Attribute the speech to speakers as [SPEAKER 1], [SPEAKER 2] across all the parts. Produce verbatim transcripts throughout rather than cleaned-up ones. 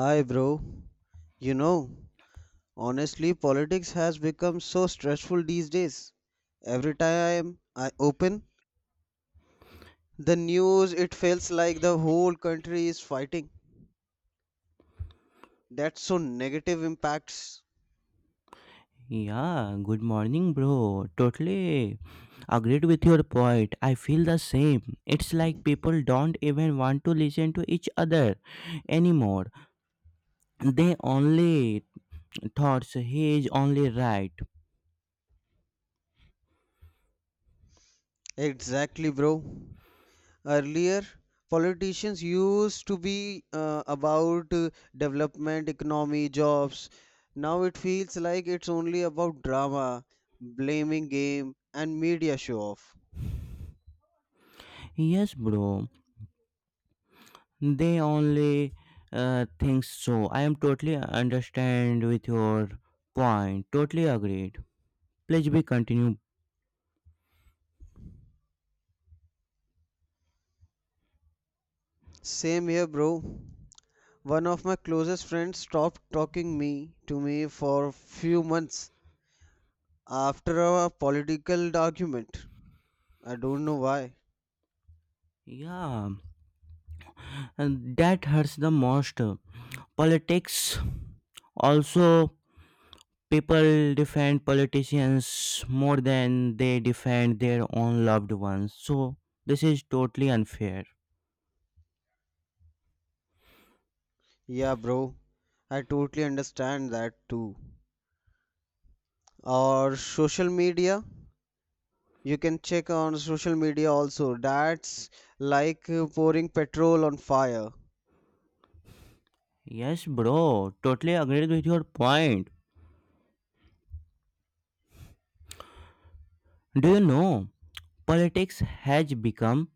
[SPEAKER 1] Hi, bro. You know, honestly, politics has become so stressful these days. Every time I open the news, it feels like the whole country is fighting. That's so negative impacts.
[SPEAKER 2] Yeah, good morning, bro. Totally agreed with your point. I feel the same. It's like people don't even want to listen to each other anymore. They only thoughts he is only right.
[SPEAKER 1] Exactly, bro. Earlier, politicians used to be uh, about uh, development, economy, jobs. Now it feels like it's only about drama, blaming game, and media show off.
[SPEAKER 2] Yes, bro. They only uh, think so. I am totally understand with your point. Totally agreed. Please be continue.
[SPEAKER 1] Same here, bro. One of my closest friends stopped talking me to me for a few months after a political argument. I don't know why.
[SPEAKER 2] Yeah, and that hurts the most. Politics also. People defend politicians more than they defend their own loved ones. So, this is totally unfair.
[SPEAKER 1] Yeah, bro. I totally understand that too. Or social media. You can check on social media also. That's like uh, pouring petrol on fire.
[SPEAKER 2] Yes, bro, totally agreed with your point. Do you know? Politics has become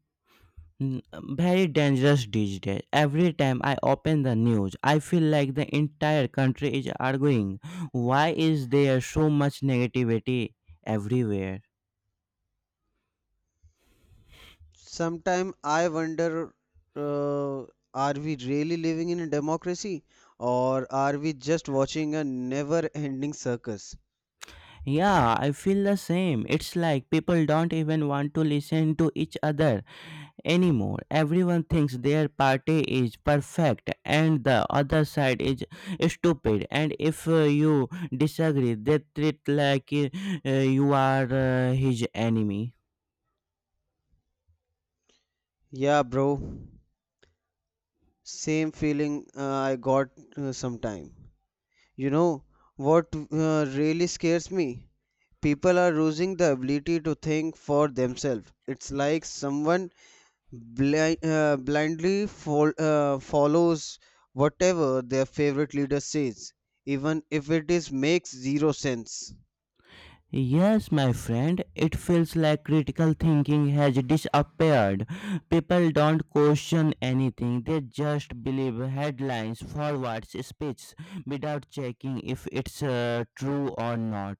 [SPEAKER 2] mm, very dangerous these days. Every time I open the news, I feel like the entire country is arguing. Why is there so much negativity everywhere?
[SPEAKER 1] Sometimes I wonder, uh, are we really living in a democracy or are we just watching a never ending circus?
[SPEAKER 2] Yeah, I feel the same. It's like people don't even want to listen to each other anymore. Everyone thinks their party is perfect and the other side is stupid. And if uh, you disagree, they treat like uh, you are uh, his enemy.
[SPEAKER 1] Yeah, bro. Same feeling uh, I got uh, sometime. You know what uh, really scares me? People are losing the ability to think for themselves. It's like someone Bli- uh, blindly fol- uh, follows whatever their favorite leader says, even if it is makes zero sense.
[SPEAKER 2] Yes, my friend, it feels like critical thinking has disappeared. People don't question anything, they just believe headlines, forwards, speech without checking if it's uh, true or not.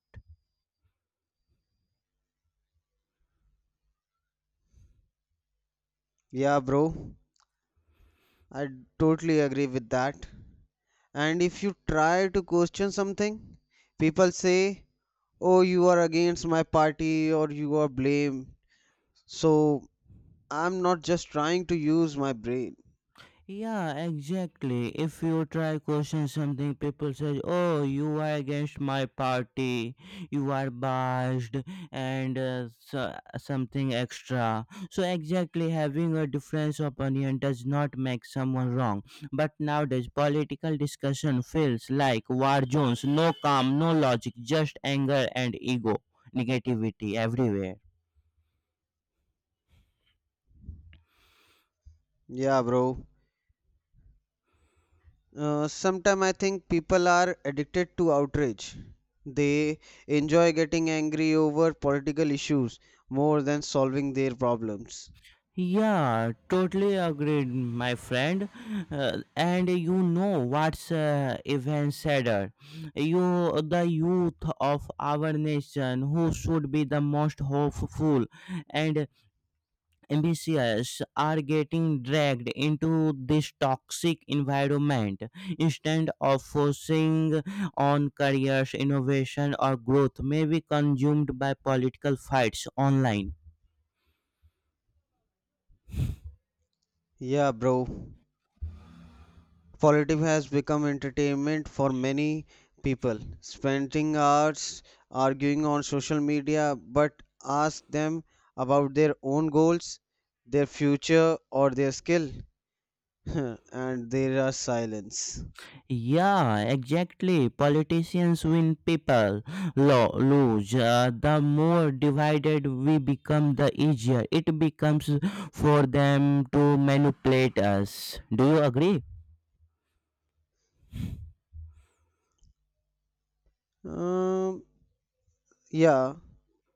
[SPEAKER 1] Yeah, bro, I totally agree with that. And if you try to question something, people say, "Oh, you are against my party, or you are blamed." So I'm not just trying to use my brain.
[SPEAKER 2] Yeah, exactly. If you try question something, people say, "Oh, you are against my party. You are biased," and uh, so, something extra. So exactly, having a difference of opinion does not make someone wrong. But nowadays, political discussion feels like war zones. No calm, no logic, just anger and ego, negativity everywhere.
[SPEAKER 1] Yeah, bro. Uh, sometimes I think people are addicted to outrage. They enjoy getting angry over political issues more than solving their problems.
[SPEAKER 2] Yeah, totally agreed, my friend. Uh, and you know what's uh, even sadder? You, the youth of our nation, who should be the most hopeful and ambitious, are getting dragged into this toxic environment instead of focusing on careers, innovation, or growth. May be consumed by political fights online.
[SPEAKER 1] Yeah, bro. Politics has become entertainment for many people, spending hours arguing on social media, but ask them about their own goals, their future, or their skill, and there are silence.
[SPEAKER 2] Yeah, exactly. Politicians win, people lo- lose. Uh, the more divided we become, the easier it becomes for them to manipulate us. Do you agree?
[SPEAKER 1] Um, yeah,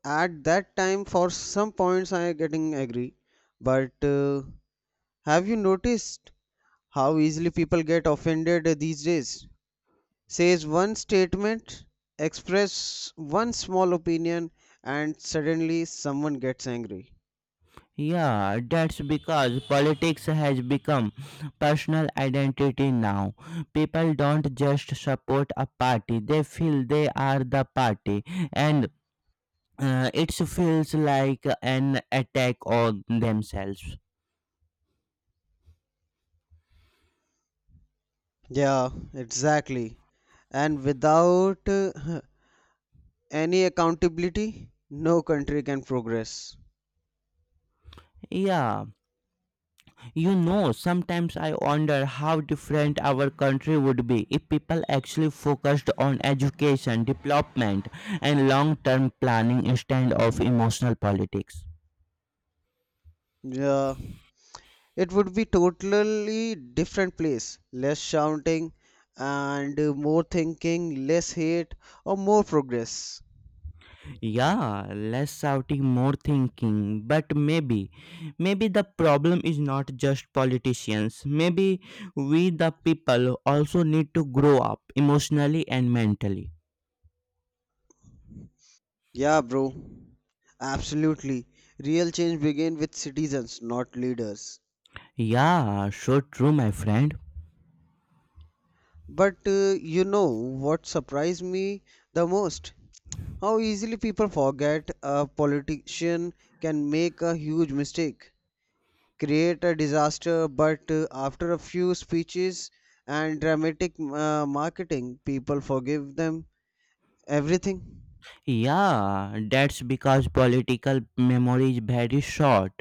[SPEAKER 1] at that time for some points I getting agree but uh, have you noticed how easily people get offended these days, says one statement, express one small opinion, and suddenly someone gets angry.
[SPEAKER 2] Yeah, that's because politics has become personal identity now. People don't just support a party, they feel they are the party, and uh, it feels like an attack on themselves.
[SPEAKER 1] Yeah, exactly. And without uh, any accountability no country can progress.
[SPEAKER 2] Yeah, you know, sometimes I wonder how different our country would be if people actually focused on education, development, and long term planning instead of emotional politics.
[SPEAKER 1] Yeah, it would be totally different place, less shouting and more thinking, less hate or more progress.
[SPEAKER 2] Yeah, less shouting, more thinking. But maybe, maybe the problem is not just politicians. Maybe we, the people, also need to grow up emotionally and mentally.
[SPEAKER 1] Yeah, bro, absolutely. Real change begin with citizens, not leaders.
[SPEAKER 2] Yeah, so true, my friend.
[SPEAKER 1] But uh, you know what surprised me the most? How easily people forget a politician can make a huge mistake, create a disaster. But uh, after a few speeches and dramatic uh, marketing, people forgive them everything.
[SPEAKER 2] Yeah, that's because political memory is very short.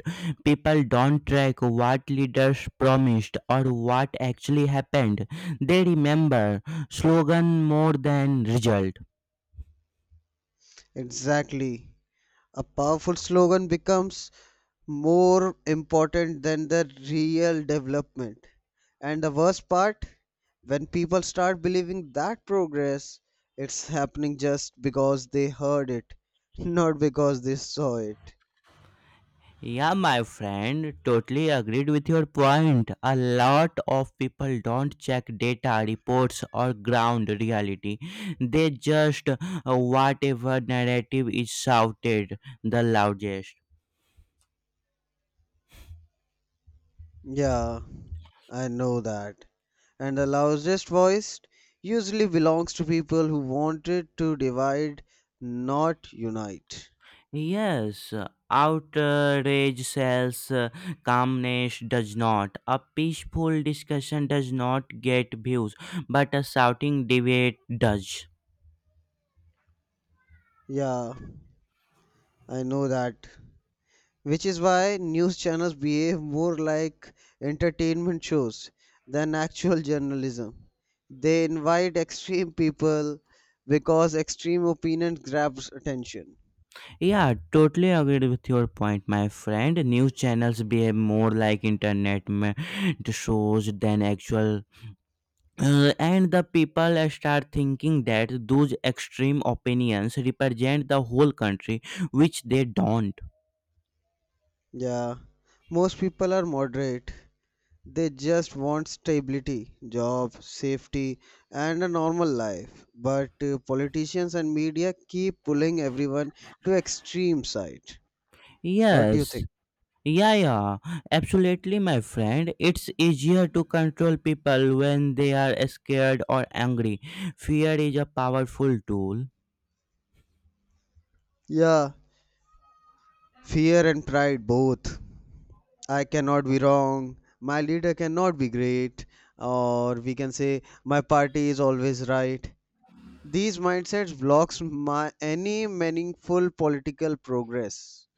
[SPEAKER 2] People don't track what leaders promised or what actually happened. They remember slogan more than result.
[SPEAKER 1] Exactly. A powerful slogan becomes more important than the real development. And the worst part, when people start believing that progress, it's happening just because they heard it, not because they saw it.
[SPEAKER 2] Yeah, my friend, totally agreed with your point. A lot of people don't check data, reports, or ground reality. They just uh, whatever narrative is shouted the loudest.
[SPEAKER 1] Yeah. I know that. And the loudest voice usually belongs to people who wanted to divide, not unite.
[SPEAKER 2] Yes, outrage sells, uh, calmness does not. A peaceful discussion does not get views, but a shouting debate does.
[SPEAKER 1] Yeah, I know that. Which is why news channels behave more like entertainment shows than actual journalism. They invite extreme people because extreme opinions grabs attention.
[SPEAKER 2] Yeah, totally agreed with your point, my friend. News channels behave more like internet ma- shows than actual. Uh, and the people start thinking that those extreme opinions represent the whole country, which they don't.
[SPEAKER 1] Yeah, most people are moderate. They just want stability, job, safety, and a normal life. But uh, politicians and media keep pulling everyone to extreme side. What do you
[SPEAKER 2] Yes,
[SPEAKER 1] think?
[SPEAKER 2] yeah, yeah, absolutely, my friend. It's easier to control people when they are scared or angry. Fear is a powerful tool.
[SPEAKER 1] Yeah, fear and pride both. I cannot be wrong. My leader cannot be great, or we can say my party is always right. These mindsets blocks my any meaningful political progress.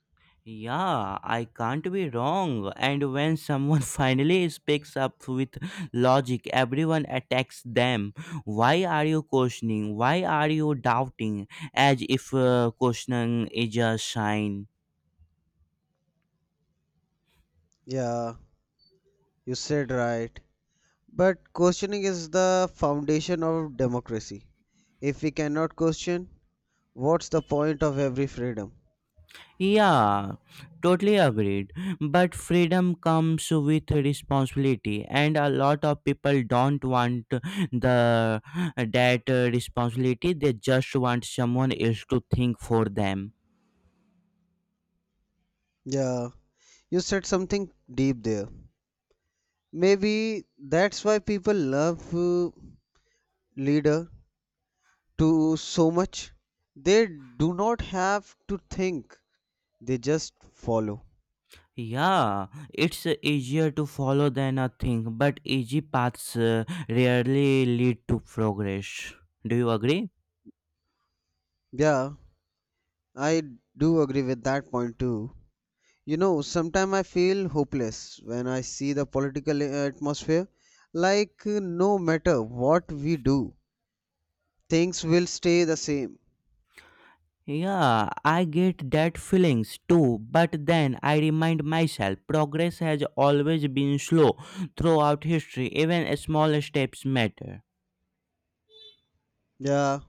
[SPEAKER 2] Yeah, I can't be wrong. And when someone finally speaks up with logic, everyone attacks them. Why are you questioning? Why are you doubting? As if uh, questioning is a sign.
[SPEAKER 1] Yeah, you said right. But questioning is the foundation of democracy. If we cannot question, what's the point of every freedom?
[SPEAKER 2] Yeah, totally agreed. But freedom comes with responsibility, and a lot of people don't want the that uh, responsibility. They just want someone else to think for them.
[SPEAKER 1] Yeah, you said something deep there. Maybe that's why people love uh, leader to so much. They do not have to think, they just follow.
[SPEAKER 2] Yeah, it's easier to follow than a thing, but easy paths uh, rarely lead to progress. Do you agree?
[SPEAKER 1] Yeah, I do agree with that point too. You know, sometimes I feel hopeless when I see the political uh, atmosphere. Like, uh, no matter what we do, things will stay the same.
[SPEAKER 2] Yeah, I get that feelings too, but then I remind myself progress has always been slow throughout history, even small steps matter.
[SPEAKER 1] Yeah,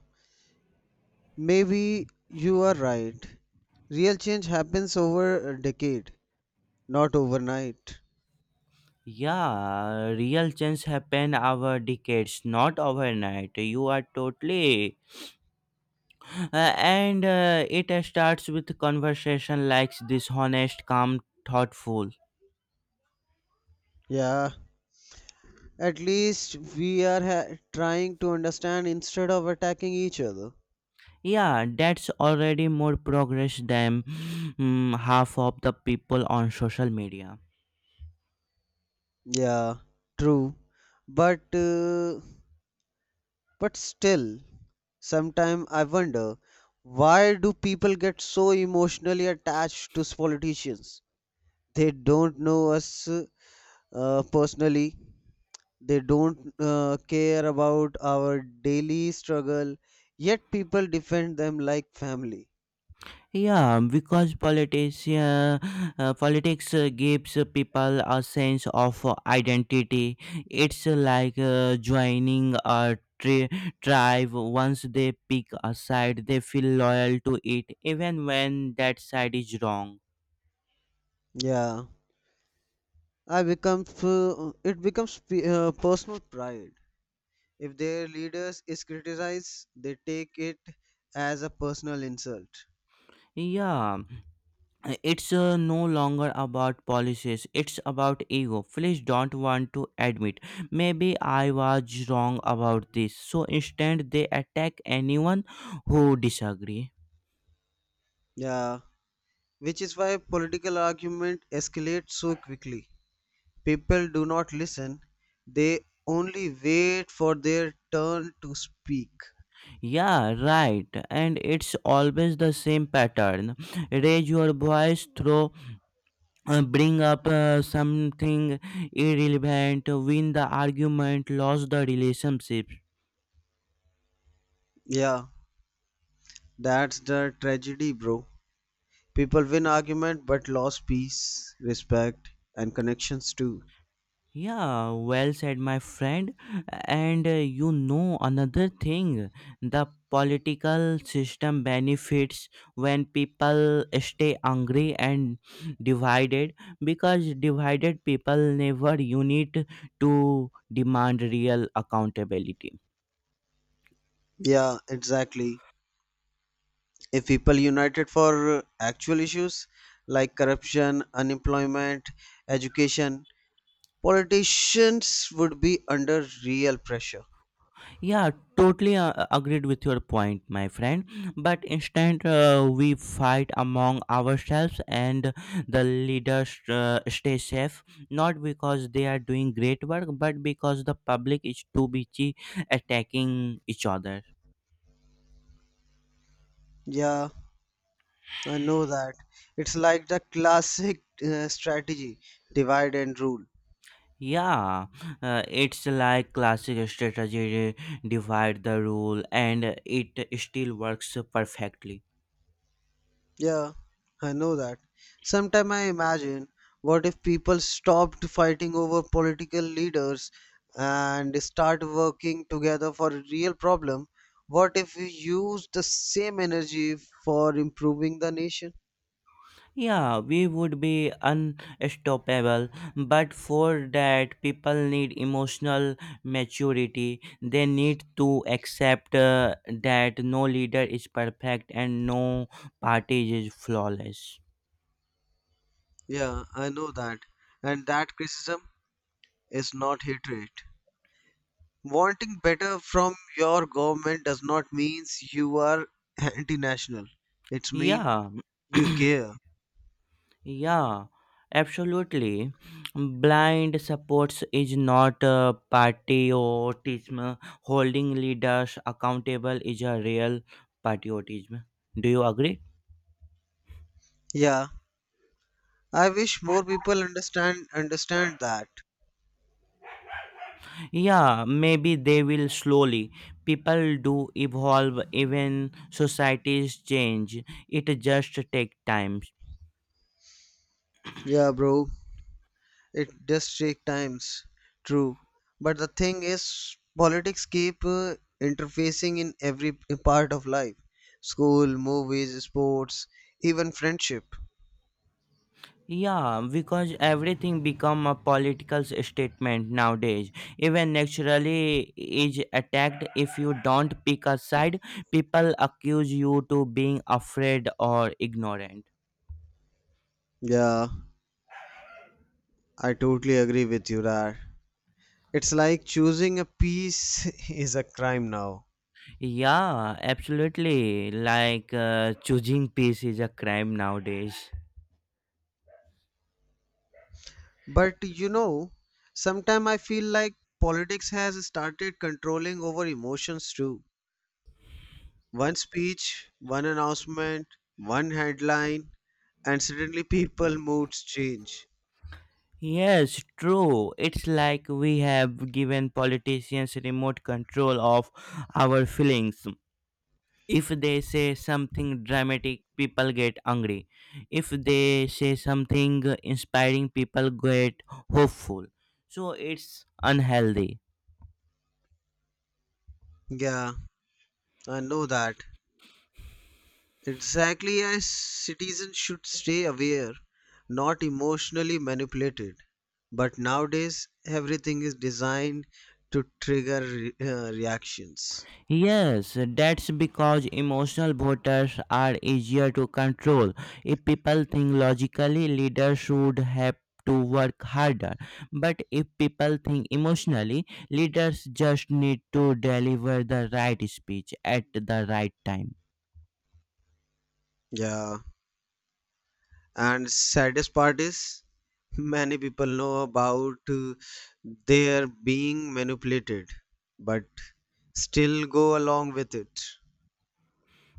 [SPEAKER 1] maybe you are right. Real change happens over a decade, not overnight.
[SPEAKER 2] Yeah, real change happen over decades, not overnight. You are totally, uh, and uh, it starts with conversation like this, honest, calm, thoughtful.
[SPEAKER 1] Yeah, at least we are ha- trying to understand instead of attacking each other.
[SPEAKER 2] Yeah, that's already more progress than mm, half of the people on social media.
[SPEAKER 1] Yeah, true. But uh, But still, sometimes I wonder, why do people get so emotionally attached to politicians? They don't know us uh, personally. They don't uh, care about our daily struggle. Yet people defend them like family.
[SPEAKER 2] Yeah, because politics, uh, uh, politics uh, gives people a sense of uh, identity. It's uh, like uh, joining a tri- tribe. Once they pick a side, they feel loyal to it, even when that side is wrong.
[SPEAKER 1] Yeah, I become uh, it becomes p- uh, personal pride. If their leaders is criticized, they take it as a personal insult.
[SPEAKER 2] Yeah. Uh, it's uh, no longer about policies, it's about ego. Please don't want to admit maybe I was wrong about this, so instead they attack anyone who disagree.
[SPEAKER 1] Yeah, which is why political argument escalates so quickly. People do not listen, they only wait for their turn to speak.
[SPEAKER 2] Yeah, right, and it's always the same pattern. Raise your voice, throw uh, bring up uh, something irrelevant, win the argument, lose the relationship.
[SPEAKER 1] Yeah, that's the tragedy, bro. People win argument but lost peace, respect, and connections too.
[SPEAKER 2] Yeah, well said, my friend. And uh, you know another thing, the political system benefits when people stay angry and divided, because divided people never unite to demand real accountability.
[SPEAKER 1] Yeah, exactly. If people united for uh, actual issues like corruption, unemployment, education, politicians would be under real pressure.
[SPEAKER 2] Yeah, totally uh, agreed with your point, my friend. But instead, uh, we fight among ourselves, and the leaders uh, stay safe not because they are doing great work, but because the public is too busy attacking each other.
[SPEAKER 1] Yeah, I know that. It's like the classic uh, strategy, divide and rule.
[SPEAKER 2] Yeah, uh, it's like classic strategy, divide the rule, and it still works perfectly.
[SPEAKER 1] Yeah, I know that. Sometimes I imagine, what if people stopped fighting over political leaders and start working together for a real problem? What if we use the same energy for improving the nation?
[SPEAKER 2] Yeah, we would be unstoppable, but for that, people need emotional maturity. They need to accept uh, that no leader is perfect and no party is flawless.
[SPEAKER 1] Yeah, I know that. And that criticism is not hatred. Wanting better from your government does not means you are anti-national. It's mean
[SPEAKER 2] Yeah,
[SPEAKER 1] you care.
[SPEAKER 2] yeah, absolutely. Blind supports is not a patriotism. Holding leaders accountable is a real patriotism. Do you agree?
[SPEAKER 1] Yeah, I wish more people understand understand that.
[SPEAKER 2] Yeah, maybe they will slowly. People do evolve, even societies change. It just take time.
[SPEAKER 1] Yeah, bro. It does take times. True. But the thing is, politics keep uh, interfacing in every p- part of life. School, movies, sports, even friendship.
[SPEAKER 2] Yeah, because everything become a political statement nowadays. Even naturally is attacked if you don't pick a side. People accuse you to being afraid or ignorant.
[SPEAKER 1] Yeah, I totally agree with you, Raj. It's like choosing a peace is a crime now.
[SPEAKER 2] Yeah, absolutely. Like uh, choosing peace is a crime nowadays.
[SPEAKER 1] But you know, sometimes I feel like politics has started controlling over emotions too. One speech, one announcement, one headline, and suddenly people moods change.
[SPEAKER 2] Yes, true. It's like we have given politicians remote control of our feelings. If they say something dramatic, people get angry. If they say something inspiring, people get hopeful. So it's unhealthy.
[SPEAKER 1] Yeah, I know that. Exactly as citizens should stay aware, not emotionally manipulated. But nowadays, everything is designed to trigger re- uh, reactions.
[SPEAKER 2] Yes, that's because emotional voters are easier to control. If people think logically, leaders should have to work harder. But if people think emotionally, leaders just need to deliver the right speech at the right time.
[SPEAKER 1] Yeah. And saddest part is, many people know about uh, their being manipulated, but still go along with it.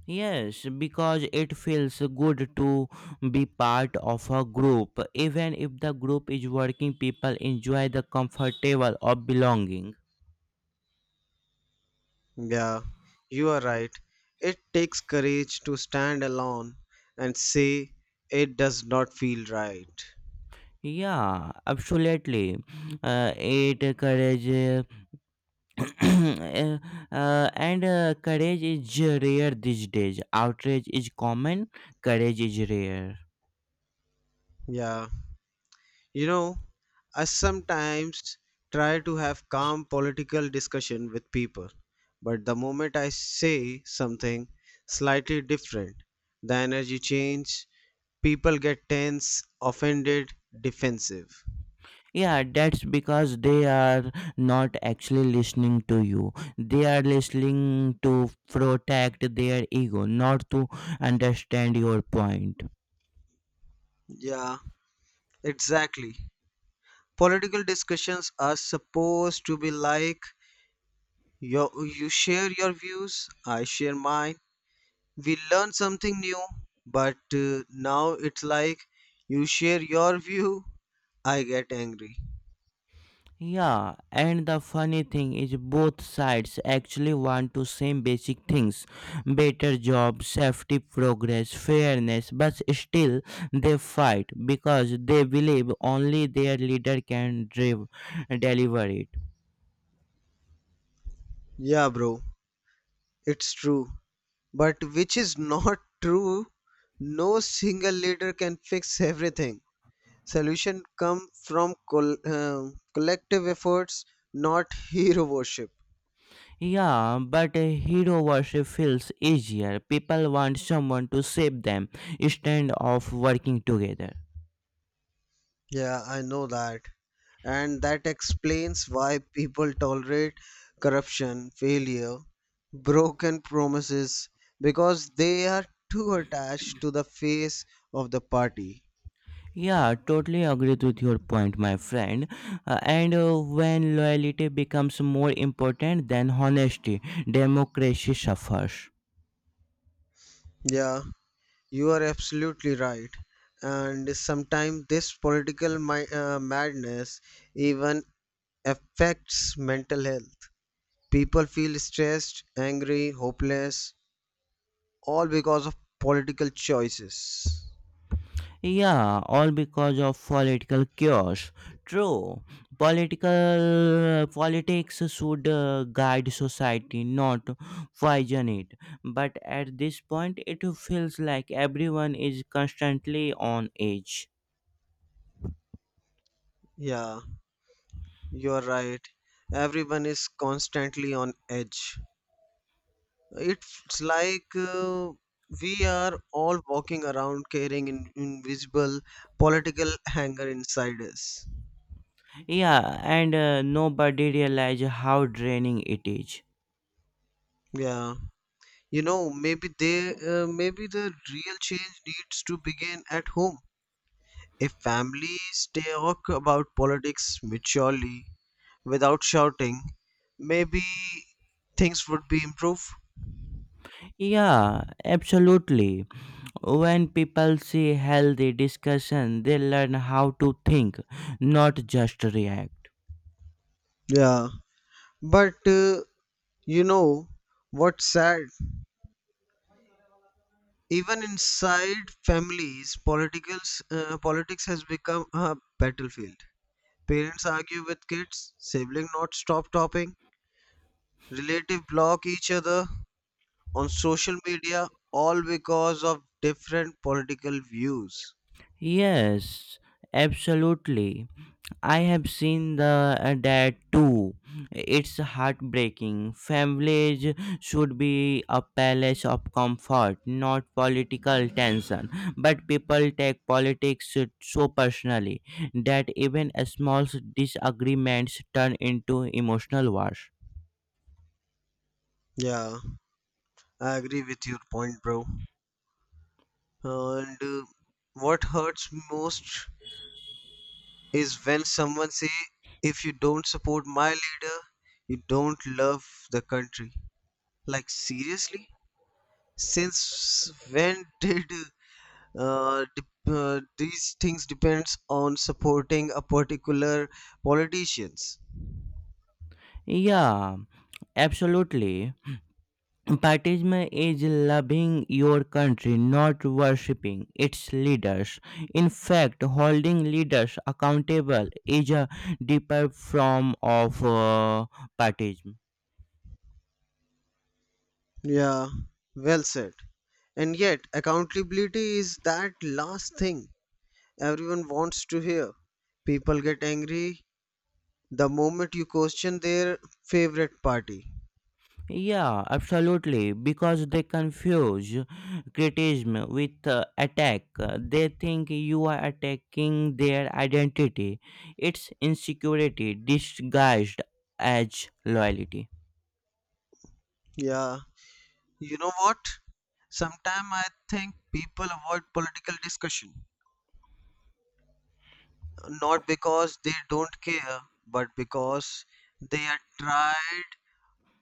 [SPEAKER 2] Yes, because it feels good to be part of a group. Even if the group is working, people enjoy the comfortable of belonging.
[SPEAKER 1] Yeah, you are right. It takes courage to stand alone and say it does not feel right.
[SPEAKER 2] Yeah, absolutely. Uh, it courage, uh, uh, and uh, courage is rare these days. Outrage is common, courage is rare.
[SPEAKER 1] Yeah, you know, I sometimes try to have calm political discussion with people, but the moment I say something slightly different, the energy change, people get tense, offended, defensive.
[SPEAKER 2] Yeah, that's because they are not actually listening to you. They are listening to protect their ego, not to understand your point.
[SPEAKER 1] Yeah, exactly. Political discussions are supposed to be like, Yo, you share your views, I share mine. We learn something new, but uh, now it's like you share your view, I get angry.
[SPEAKER 2] Yeah, and the funny thing is both sides actually want to same basic things, better job, safety, progress, fairness, but still they fight because they believe only their leader can drive, deliver it.
[SPEAKER 1] Yeah, bro, it's true. But which is not true, no single leader can fix everything. Solution come from col- um collective efforts, not hero worship.
[SPEAKER 2] Yeah, but a hero worship feels easier. People want someone to save them instead of working together.
[SPEAKER 1] Yeah, I know that. And that explains why people tolerate corruption, failure, broken promises because they are too attached to the face of the party.
[SPEAKER 2] Yeah, totally agreed with your point, my friend. Uh, and uh, when loyalty becomes more important than honesty, democracy suffers.
[SPEAKER 1] Yeah, you are absolutely right. And sometimes this political mi- uh, madness even affects mental health. People feel stressed, angry, hopeless, all because of political choices.
[SPEAKER 2] Yeah, all because of political chaos. True, political politics should uh, guide society, not poison it. But at this point, it feels like everyone is constantly on edge.
[SPEAKER 1] Yeah. You're right. Everyone is constantly on edge. It's like uh, we are all walking around carrying in invisible political anger inside us.
[SPEAKER 2] Yeah, and uh, nobody realizes how draining it is.
[SPEAKER 1] Yeah. You know, maybe they, uh, maybe the real change needs to begin at home. If families talk about politics maturely, without shouting, maybe things would be improved.
[SPEAKER 2] Yeah, absolutely. When people see healthy discussion, they learn how to think, not just react.
[SPEAKER 1] Yeah. But uh, you know what's sad? Even inside families, politics uh, politics has become a battlefield. Parents argue with kids, siblings not stop topping, relative block each other on social media, all because of different political views.
[SPEAKER 2] Yes, absolutely. I have seen the uh, that too. It's heartbreaking. Families should be a palace of comfort, not political tension. But people take politics so personally that even small disagreements turn into emotional wars.
[SPEAKER 1] Yeah, I agree with your point, bro. And uh, what hurts most is when someone say, if you don't support my leader you don't love the country. Like seriously, since when did uh, dep- uh, these things depends on supporting a particular politicians?
[SPEAKER 2] Yeah, absolutely. Partism is loving your country, not worshipping its leaders. In fact, holding leaders accountable is a deeper form of uh, partism.
[SPEAKER 1] Yeah, well said. And yet accountability is that last thing everyone wants to hear. People get angry the moment you question their favorite party.
[SPEAKER 2] Yeah, absolutely. Because they confuse criticism with uh, attack. They think you are attacking their identity. It's insecurity disguised as loyalty.
[SPEAKER 1] Yeah, you know what? Sometimes I think people avoid political discussion, not because they don't care, but because they are tired,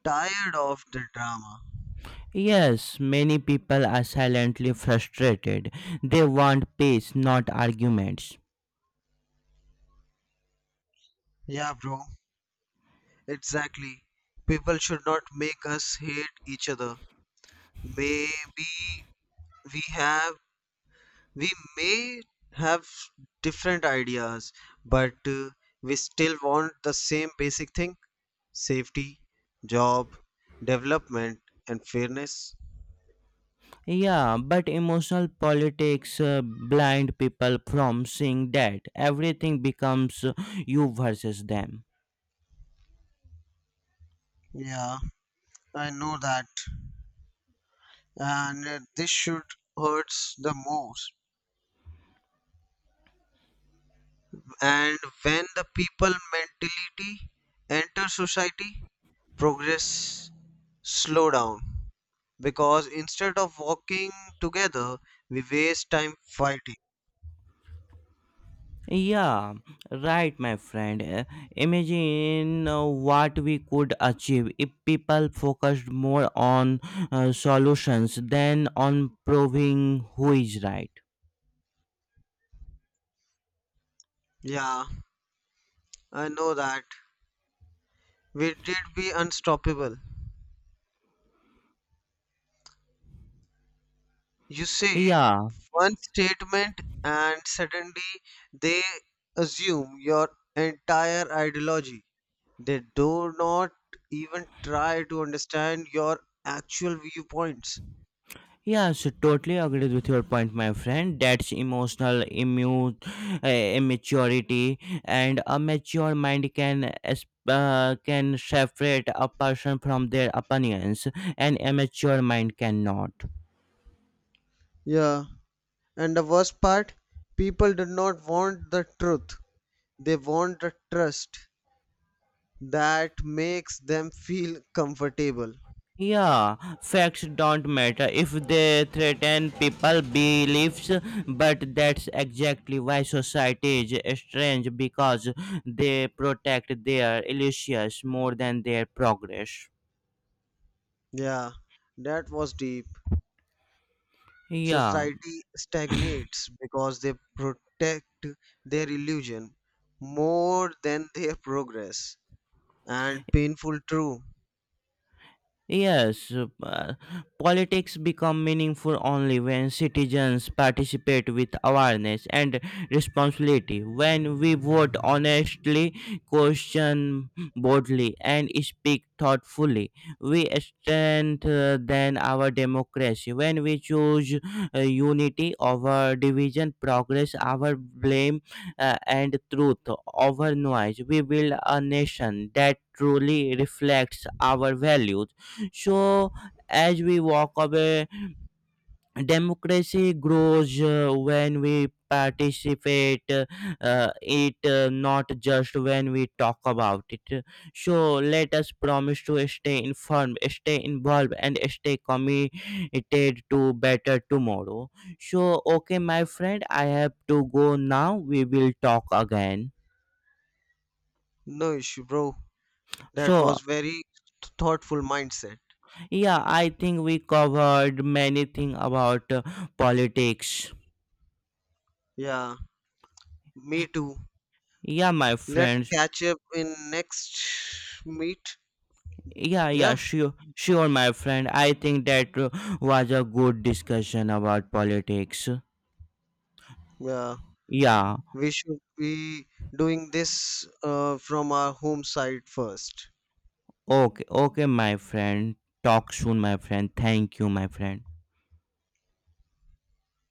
[SPEAKER 1] tired of the drama.
[SPEAKER 2] Yes, many people are silently frustrated. They want peace, not arguments.
[SPEAKER 1] Yeah, bro, exactly. People should not make us hate each other. Maybe we have, we may have different ideas, but uh, we still want the same basic thing: safety, job, development, and fairness.
[SPEAKER 2] Yeah, but emotional politics uh, blind people from seeing that everything becomes uh, you versus them.
[SPEAKER 1] Yeah, I know that. And uh, this should hurts the most. And when the people mentality enter society, progress slow down because instead of walking together, we waste time fighting.
[SPEAKER 2] Yeah, right, my friend. Uh, Imagine uh, what we could achieve if people focused more on uh, solutions than on proving who is right.
[SPEAKER 1] Yeah, I know that. We did be unstoppable. You say
[SPEAKER 2] Yeah,
[SPEAKER 1] one statement and suddenly they assume your entire ideology. They do not even try to understand your actual viewpoints.
[SPEAKER 2] yeah, so totally agreed with your point, my friend. That's emotional immu- uh, immaturity, and a mature mind can es- uh, can separate a person from their opinions, and immature mind cannot.
[SPEAKER 1] Yeah, and the worst part, people do not want the truth. They want the trust that makes them feel comfortable.
[SPEAKER 2] Yeah, facts don't matter if they threaten people beliefs, but that's exactly why society is strange because they protect their illusions more than their progress.
[SPEAKER 1] Yeah, that was deep.
[SPEAKER 2] Yeah.
[SPEAKER 1] Society stagnates because they protect their illusion more than their progress. And painful, true.
[SPEAKER 2] Yes, uh, politics become meaningful only when citizens participate with awareness and responsibility. When we vote honestly, question boldly, and speak thoughtfully, we strengthen our democracy. When we choose uh, unity over division, progress over blame, uh, and truth over noise, we build a nation that truly reflects our values. So, as we walk away, democracy grows uh, when we participate, uh, uh, it uh, not just when we talk about it. So let us promise to stay informed, stay involved, and stay committed to better tomorrow. So okay, my friend, I have to go now, we will talk again.
[SPEAKER 1] No issue, bro. That
[SPEAKER 2] So
[SPEAKER 1] was very thoughtful mindset.
[SPEAKER 2] yeah, I think we covered many things about uh, politics.
[SPEAKER 1] Yeah, me too.
[SPEAKER 2] Yeah, my
[SPEAKER 1] Let's
[SPEAKER 2] friends.
[SPEAKER 1] catch up in next meet.
[SPEAKER 2] Yeah, yeah,
[SPEAKER 1] Yeah,
[SPEAKER 2] sure, sure, my friend. I think that uh, was a good discussion about politics.
[SPEAKER 1] yeah.
[SPEAKER 2] Yeah,
[SPEAKER 1] We should be doing this uh, from our home side first.
[SPEAKER 2] okay, okay, my friend. Talk soon, my friend. Thank you, my friend.